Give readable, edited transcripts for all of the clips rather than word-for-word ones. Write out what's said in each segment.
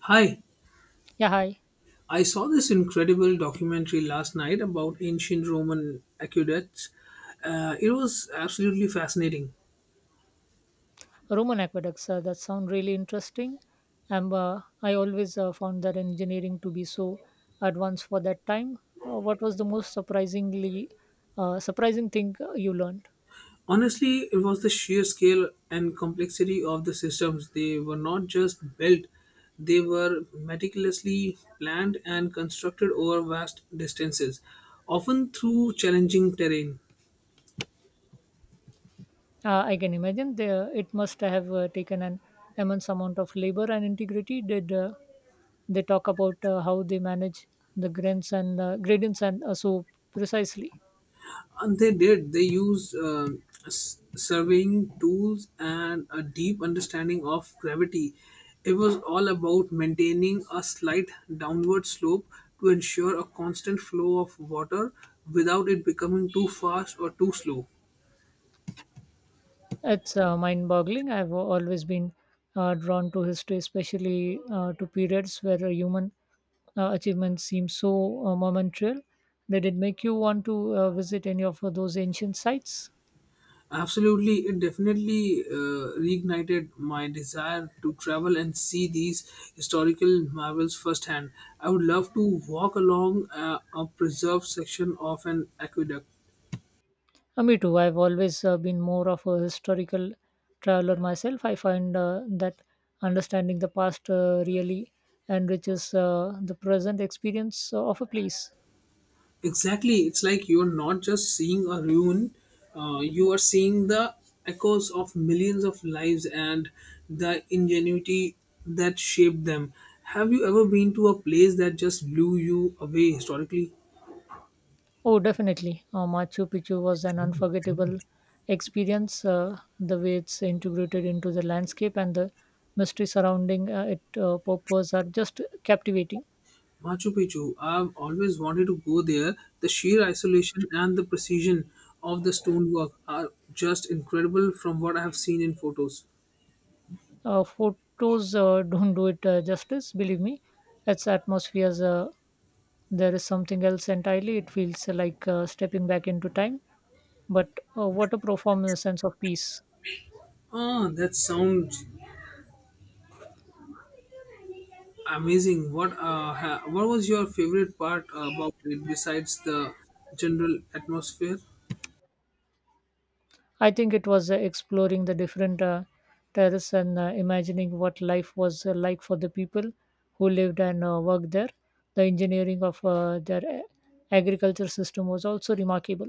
Hi, Yeah, hi. I saw this incredible documentary last night about ancient Roman aqueducts. It was absolutely fascinating. Roman aqueducts, that sound really interesting. And I always found that engineering to be so advanced for that time. What was the most surprising thing you learned? Honestly, it was the sheer scale and complexity of the systems. They were not just built, they were meticulously planned and constructed over vast distances, often through challenging terrain. I can imagine it must have taken an immense amount of labor and integrity. Did they talk about how they manage the grains and gradients and so precisely? And they did. They used surveying tools and a deep understanding of gravity. It was all about maintaining a slight downward slope to ensure a constant flow of water without it becoming too fast or too slow. It's mind-boggling. I've always been drawn to history, especially to periods where a human achievements seem so momentary. Did it make you want to visit any of those ancient sites? Absolutely, it definitely reignited my desire to travel and see these historical marvels firsthand. I would love to walk along a preserved section of an aqueduct. Me too. I've always been more of a historical traveler myself. I find that understanding the past really enriches the present experience of a place. Exactly. It's like you're not just seeing a ruin, you are seeing the echoes of millions of lives and the ingenuity that shaped them. Have you ever been to a place that just blew you away historically? Oh, definitely. Machu Picchu was an unforgettable experience. The way it's integrated into the landscape and the mystery surrounding it purpose are just captivating. Machu Picchu. I've always wanted to go there. The sheer isolation and the precision of the stonework are just incredible from what I have seen in photos. Photos don't do it justice, believe me. Its atmospheres, there is something else entirely. It feels like stepping back into time. But what a profound sense of peace. Ah, that sounds amazing. What what was your favorite part about it besides the general atmosphere? I think it was exploring the different terraces and imagining what life was like for the people who lived and worked there. The engineering of agriculture system was also remarkable.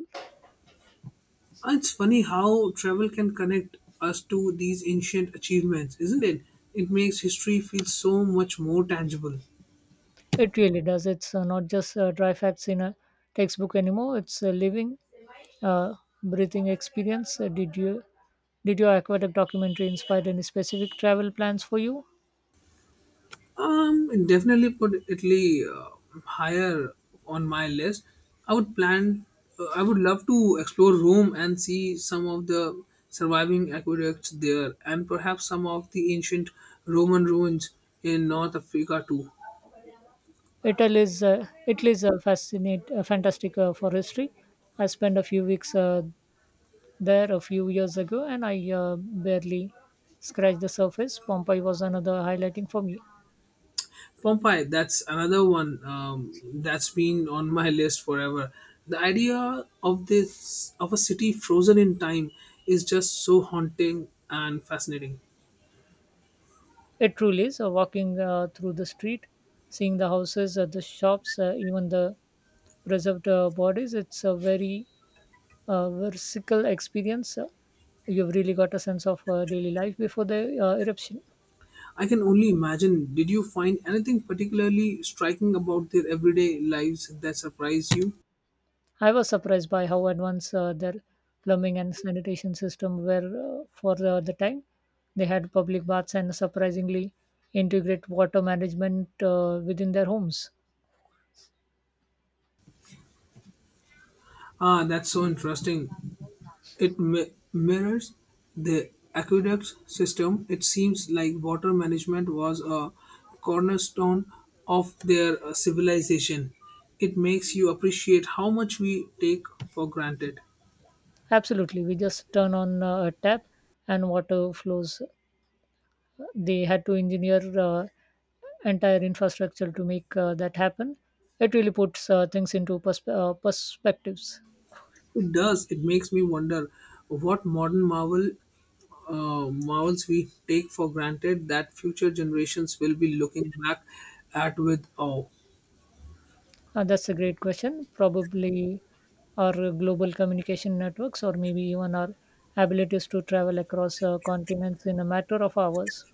It's funny how travel can connect us to these ancient achievements, isn't it? It makes history feel so much more tangible. It really does. It's not just dry facts in a textbook anymore. It's a living, uh, breathing experience. Did your aqueduct documentary inspire any specific travel plans for you? It definitely put Italy higher on my list. I would plan. I would love to explore Rome and see some of the surviving aqueducts there, and perhaps some of the ancient Roman ruins in North Africa too. Italy is a fantastic for history. I spent a few weeks there a few years ago, and I barely scratched the surface. Pompeii was another highlighting for me. Pompeii, that's another one that's been on my list forever. The idea of this of a city frozen in time is just so haunting and fascinating. It truly is. Walking through the street, seeing the houses, the shops, even the preserved bodies. It's a very versatile experience. You've really got a sense of daily life before the eruption. I can only imagine. Did you find anything particularly striking about their everyday lives that surprised you? I was surprised by how advanced their plumbing and sanitation system were for the time. They had public baths and surprisingly integrate water management within their homes. Ah, that's so interesting. It mirrors the aqueduct system. It seems like water management was a cornerstone of their civilization. It makes you appreciate how much we take for granted. Absolutely, we just turn on a tap and water flows. They had to engineer entire infrastructure to make that happen. It really puts things into perspectives. It does. It makes me wonder what modern marvel marvels we take for granted that future generations will be looking back at with awe. That's a great question. Probably our global communication networks, or maybe even our abilities to travel across continents in a matter of hours.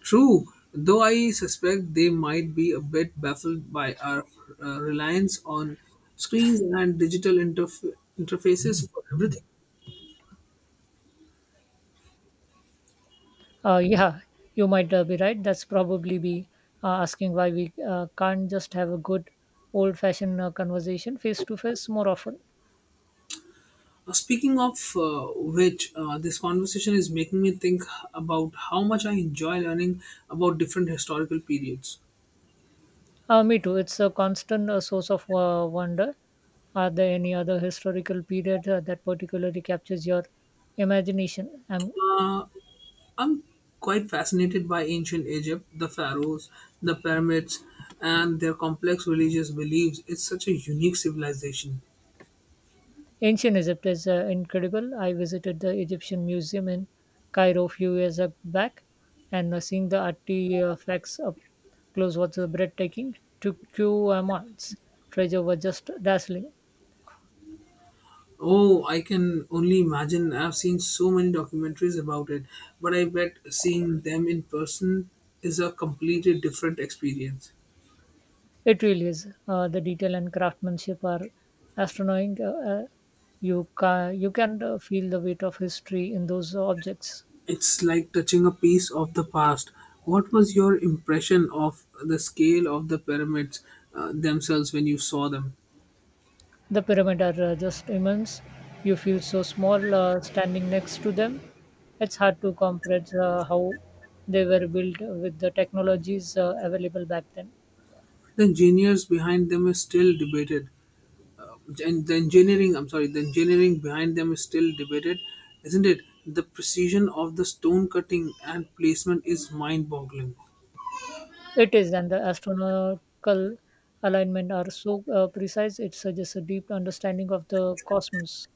True, though I suspect they might be a bit baffled by our reliance on screens and digital interfaces for everything. Yeah, you might be right. That's probably be asking why we can't just have a good old fashioned conversation face to face more often. Speaking of which, this conversation is making me think about how much I enjoy learning about different historical periods. Me too. It's a constant source of wonder. Are there any other historical period that particularly captures your imagination? I'm Uh, I'm quite fascinated by ancient Egypt, the pharaohs, the pyramids, and their complex religious beliefs. It's such a unique civilization. ancient Egypt is incredible. I visited the Egyptian Museum in Cairo a few back, and seeing the artifacts up close was breathtaking. Took you months. Treasure was just dazzling. Oh, I can only imagine. I've seen so many documentaries about it, but I bet seeing them in person is a completely different experience. It really is. The detail and craftsmanship are astonishing. You can feel the weight of history in those objects. It's like touching a piece of the past. What was your impression of the scale of the pyramids themselves when you saw them? The pyramids are just immense. You feel so small standing next to them. It's hard to comprehend how they were built with the technologies available back then. The engineers behind them is still debated, and the engineering behind them is still debated, isn't it? The precision of the stone cutting and placement is mind boggling. It is, and the astronomical alignment are so precise. It suggests a deep understanding of the cosmos.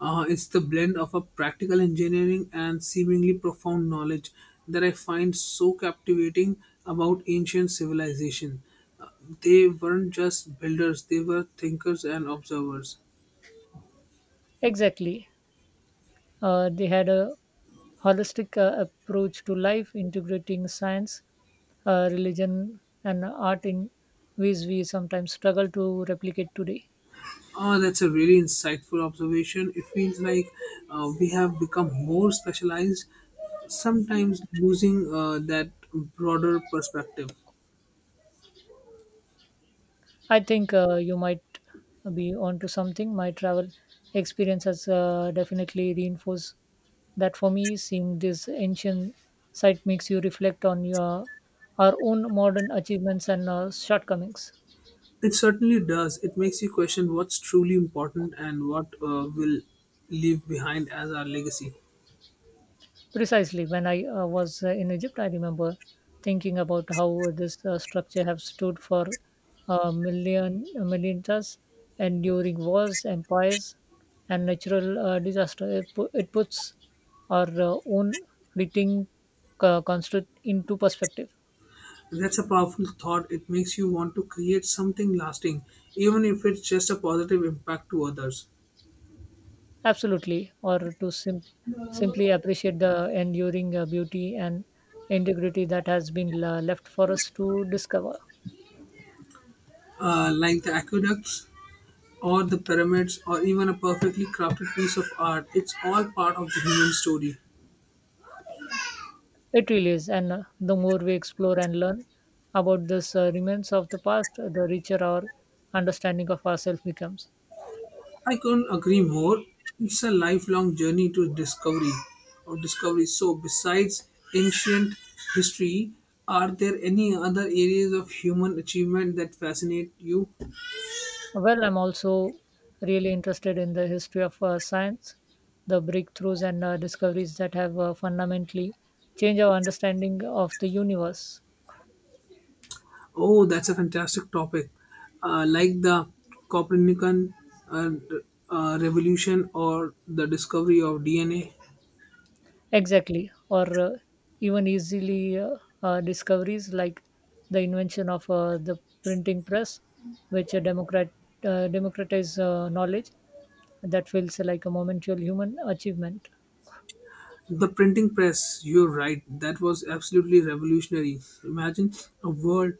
It's the blend of a practical engineering and seemingly profound knowledge that I find so captivating about ancient civilization. Uh, they weren't just builders, they were thinkers and observers. Exactly, they had a holistic approach to life, integrating science, religion, and art in ways we sometimes struggle to replicate today. Oh, that's a really insightful observation. It feels like we have become more specialized, sometimes losing that broader perspective. I think you might be onto something. My travel experience has definitely reinforced that for me. Seeing this ancient site makes you reflect on your our own modern achievements and shortcomings. It certainly does. It makes you question what's truly important and what will leave behind as our legacy. Precisely. When I was in Egypt, I remember thinking about how this structure have stood for million millennia, and during wars, empires, and natural disaster. It puts our own fleeting construct into perspective. That's a powerful thought. It makes you want to create something lasting, even if it's just a positive impact to others. Absolutely, or to simply appreciate the enduring beauty and integrity that has been left for us to discover. Like the aqueducts or the pyramids or even a perfectly crafted piece of art. It's all part of the human story. It really is, and the more we explore and learn about this remains of the past, the richer our understanding of ourselves becomes. I couldn't agree more. It's a lifelong journey to discovery or discovery. So besides ancient history, are there any other areas of human achievement that fascinate you? Well, I'm also really interested in the history of science, the breakthroughs and discoveries that have fundamentally changed our understanding of the universe. Oh, that's a fantastic topic. Like the Copernican uh, revolution or the discovery of DNA. Exactly, or even easily discoveries like the invention of the printing press, which democratize knowledge that feels like a momentary human achievement. The printing press, you're right, that was absolutely revolutionary. Imagine a world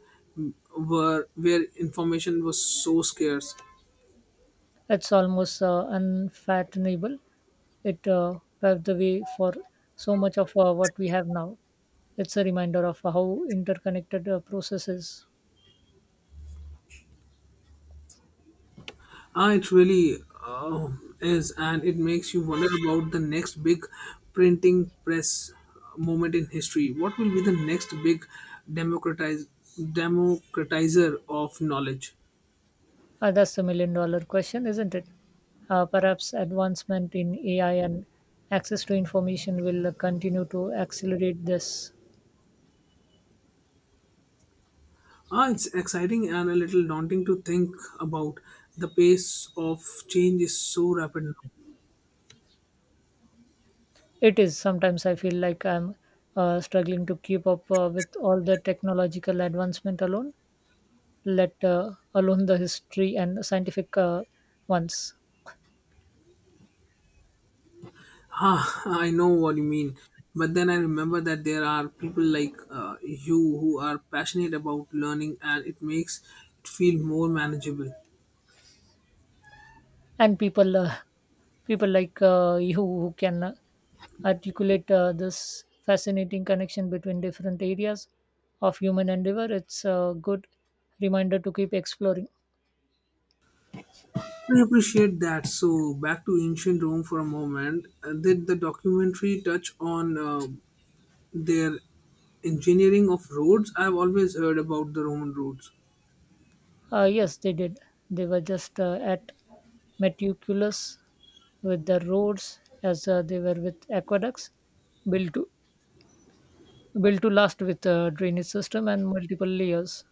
where information was so scarce. It's almost unfathomable. It paved the way for so much of what we have now. It's a reminder of how interconnected processes. Ah, it really uh, is, and it makes you wonder about the next big printing press moment in history. What will be the next big democratize, democratizer of knowledge? That's the million dollar question, isn't it? Perhaps advancement in AI and access to information will continue to accelerate this. Ah, it's exciting and a little daunting to think about. The pace of change is so rapid now. It is. Sometimes I feel like I'm struggling to keep up with all the technological advancement alone, let alone the history and scientific ones. Ah, I know what you mean. But then I remember that there are people like you who are passionate about learning, and it makes it feel more manageable. And people people like you who can articulate this fascinating connection between different areas of human endeavor. It's a good reminder to keep exploring. I appreciate that. So, back to ancient Rome for a moment. Did the documentary touch on their engineering of roads? I've always heard about the Roman roads. Yes they did. They were just at meticulous with the roads as they were with aqueducts. built to Built to last with a drainage system and multiple layers.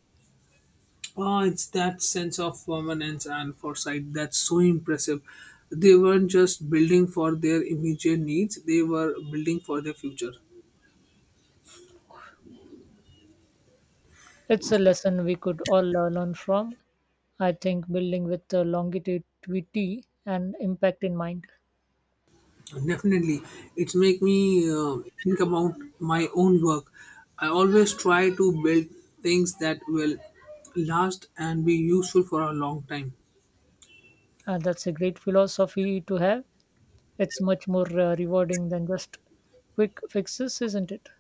Oh, it's that sense of permanence and foresight that's so impressive. They weren't just building for their immediate needs; they were building for their future. It's a lesson we could all learn from. I think building with longevity and impact in mind. Definitely, it make me think about my own work. I always try to build things that will last and be useful for a long time. That's a great philosophy to have. It's much more rewarding than just quick fixes, isn't it?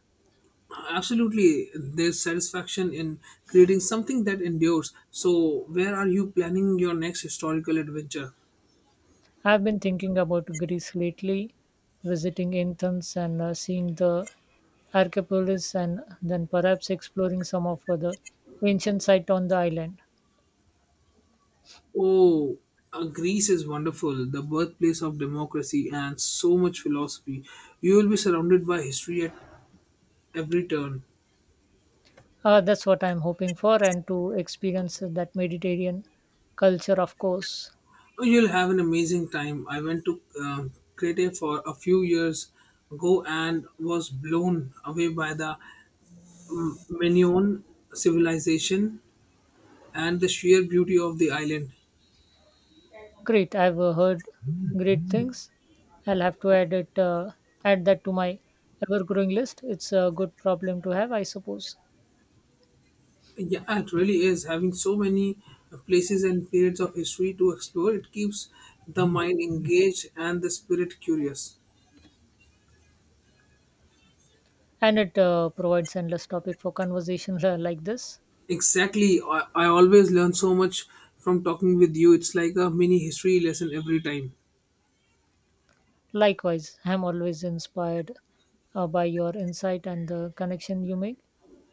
Absolutely, there's satisfaction in creating something that endures. So, where are you planning your next historical adventure? I've been thinking about Greece lately, visiting Athens and seeing the Archipolis, and then perhaps exploring some of the ancient site on the island. Oh, Greece is wonderful, the birthplace of democracy and so much philosophy. You will be surrounded by history at every turn. That's what I'm hoping for, and to experience that Mediterranean culture, of course. Oh, you'll have an amazing time. I went to Crete for a few years ago and was blown away by the Minoan civilization and the sheer beauty of the island. Great, I've heard great things. I'll have to add that to my ever-growing list. It's a good problem to have, I suppose, Yeah, it really is. Having so many places and periods of history to explore, it keeps the mind engaged and the spirit curious. and it provides endless topic for conversations like this. Exactly. I always learn so much from talking with you. It's like a mini history lesson every time. Likewise, I'm always inspired by your insight and the connection you make.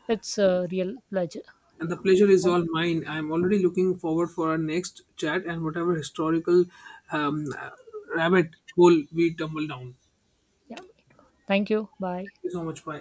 It's a real pleasure. And Yeah, the pleasure is Thank- all mine. I'm already looking forward for our next chat and whatever historical um, rabbit hole we tumble down. yeah. Thank you. Bye. Thank you so much. Bye.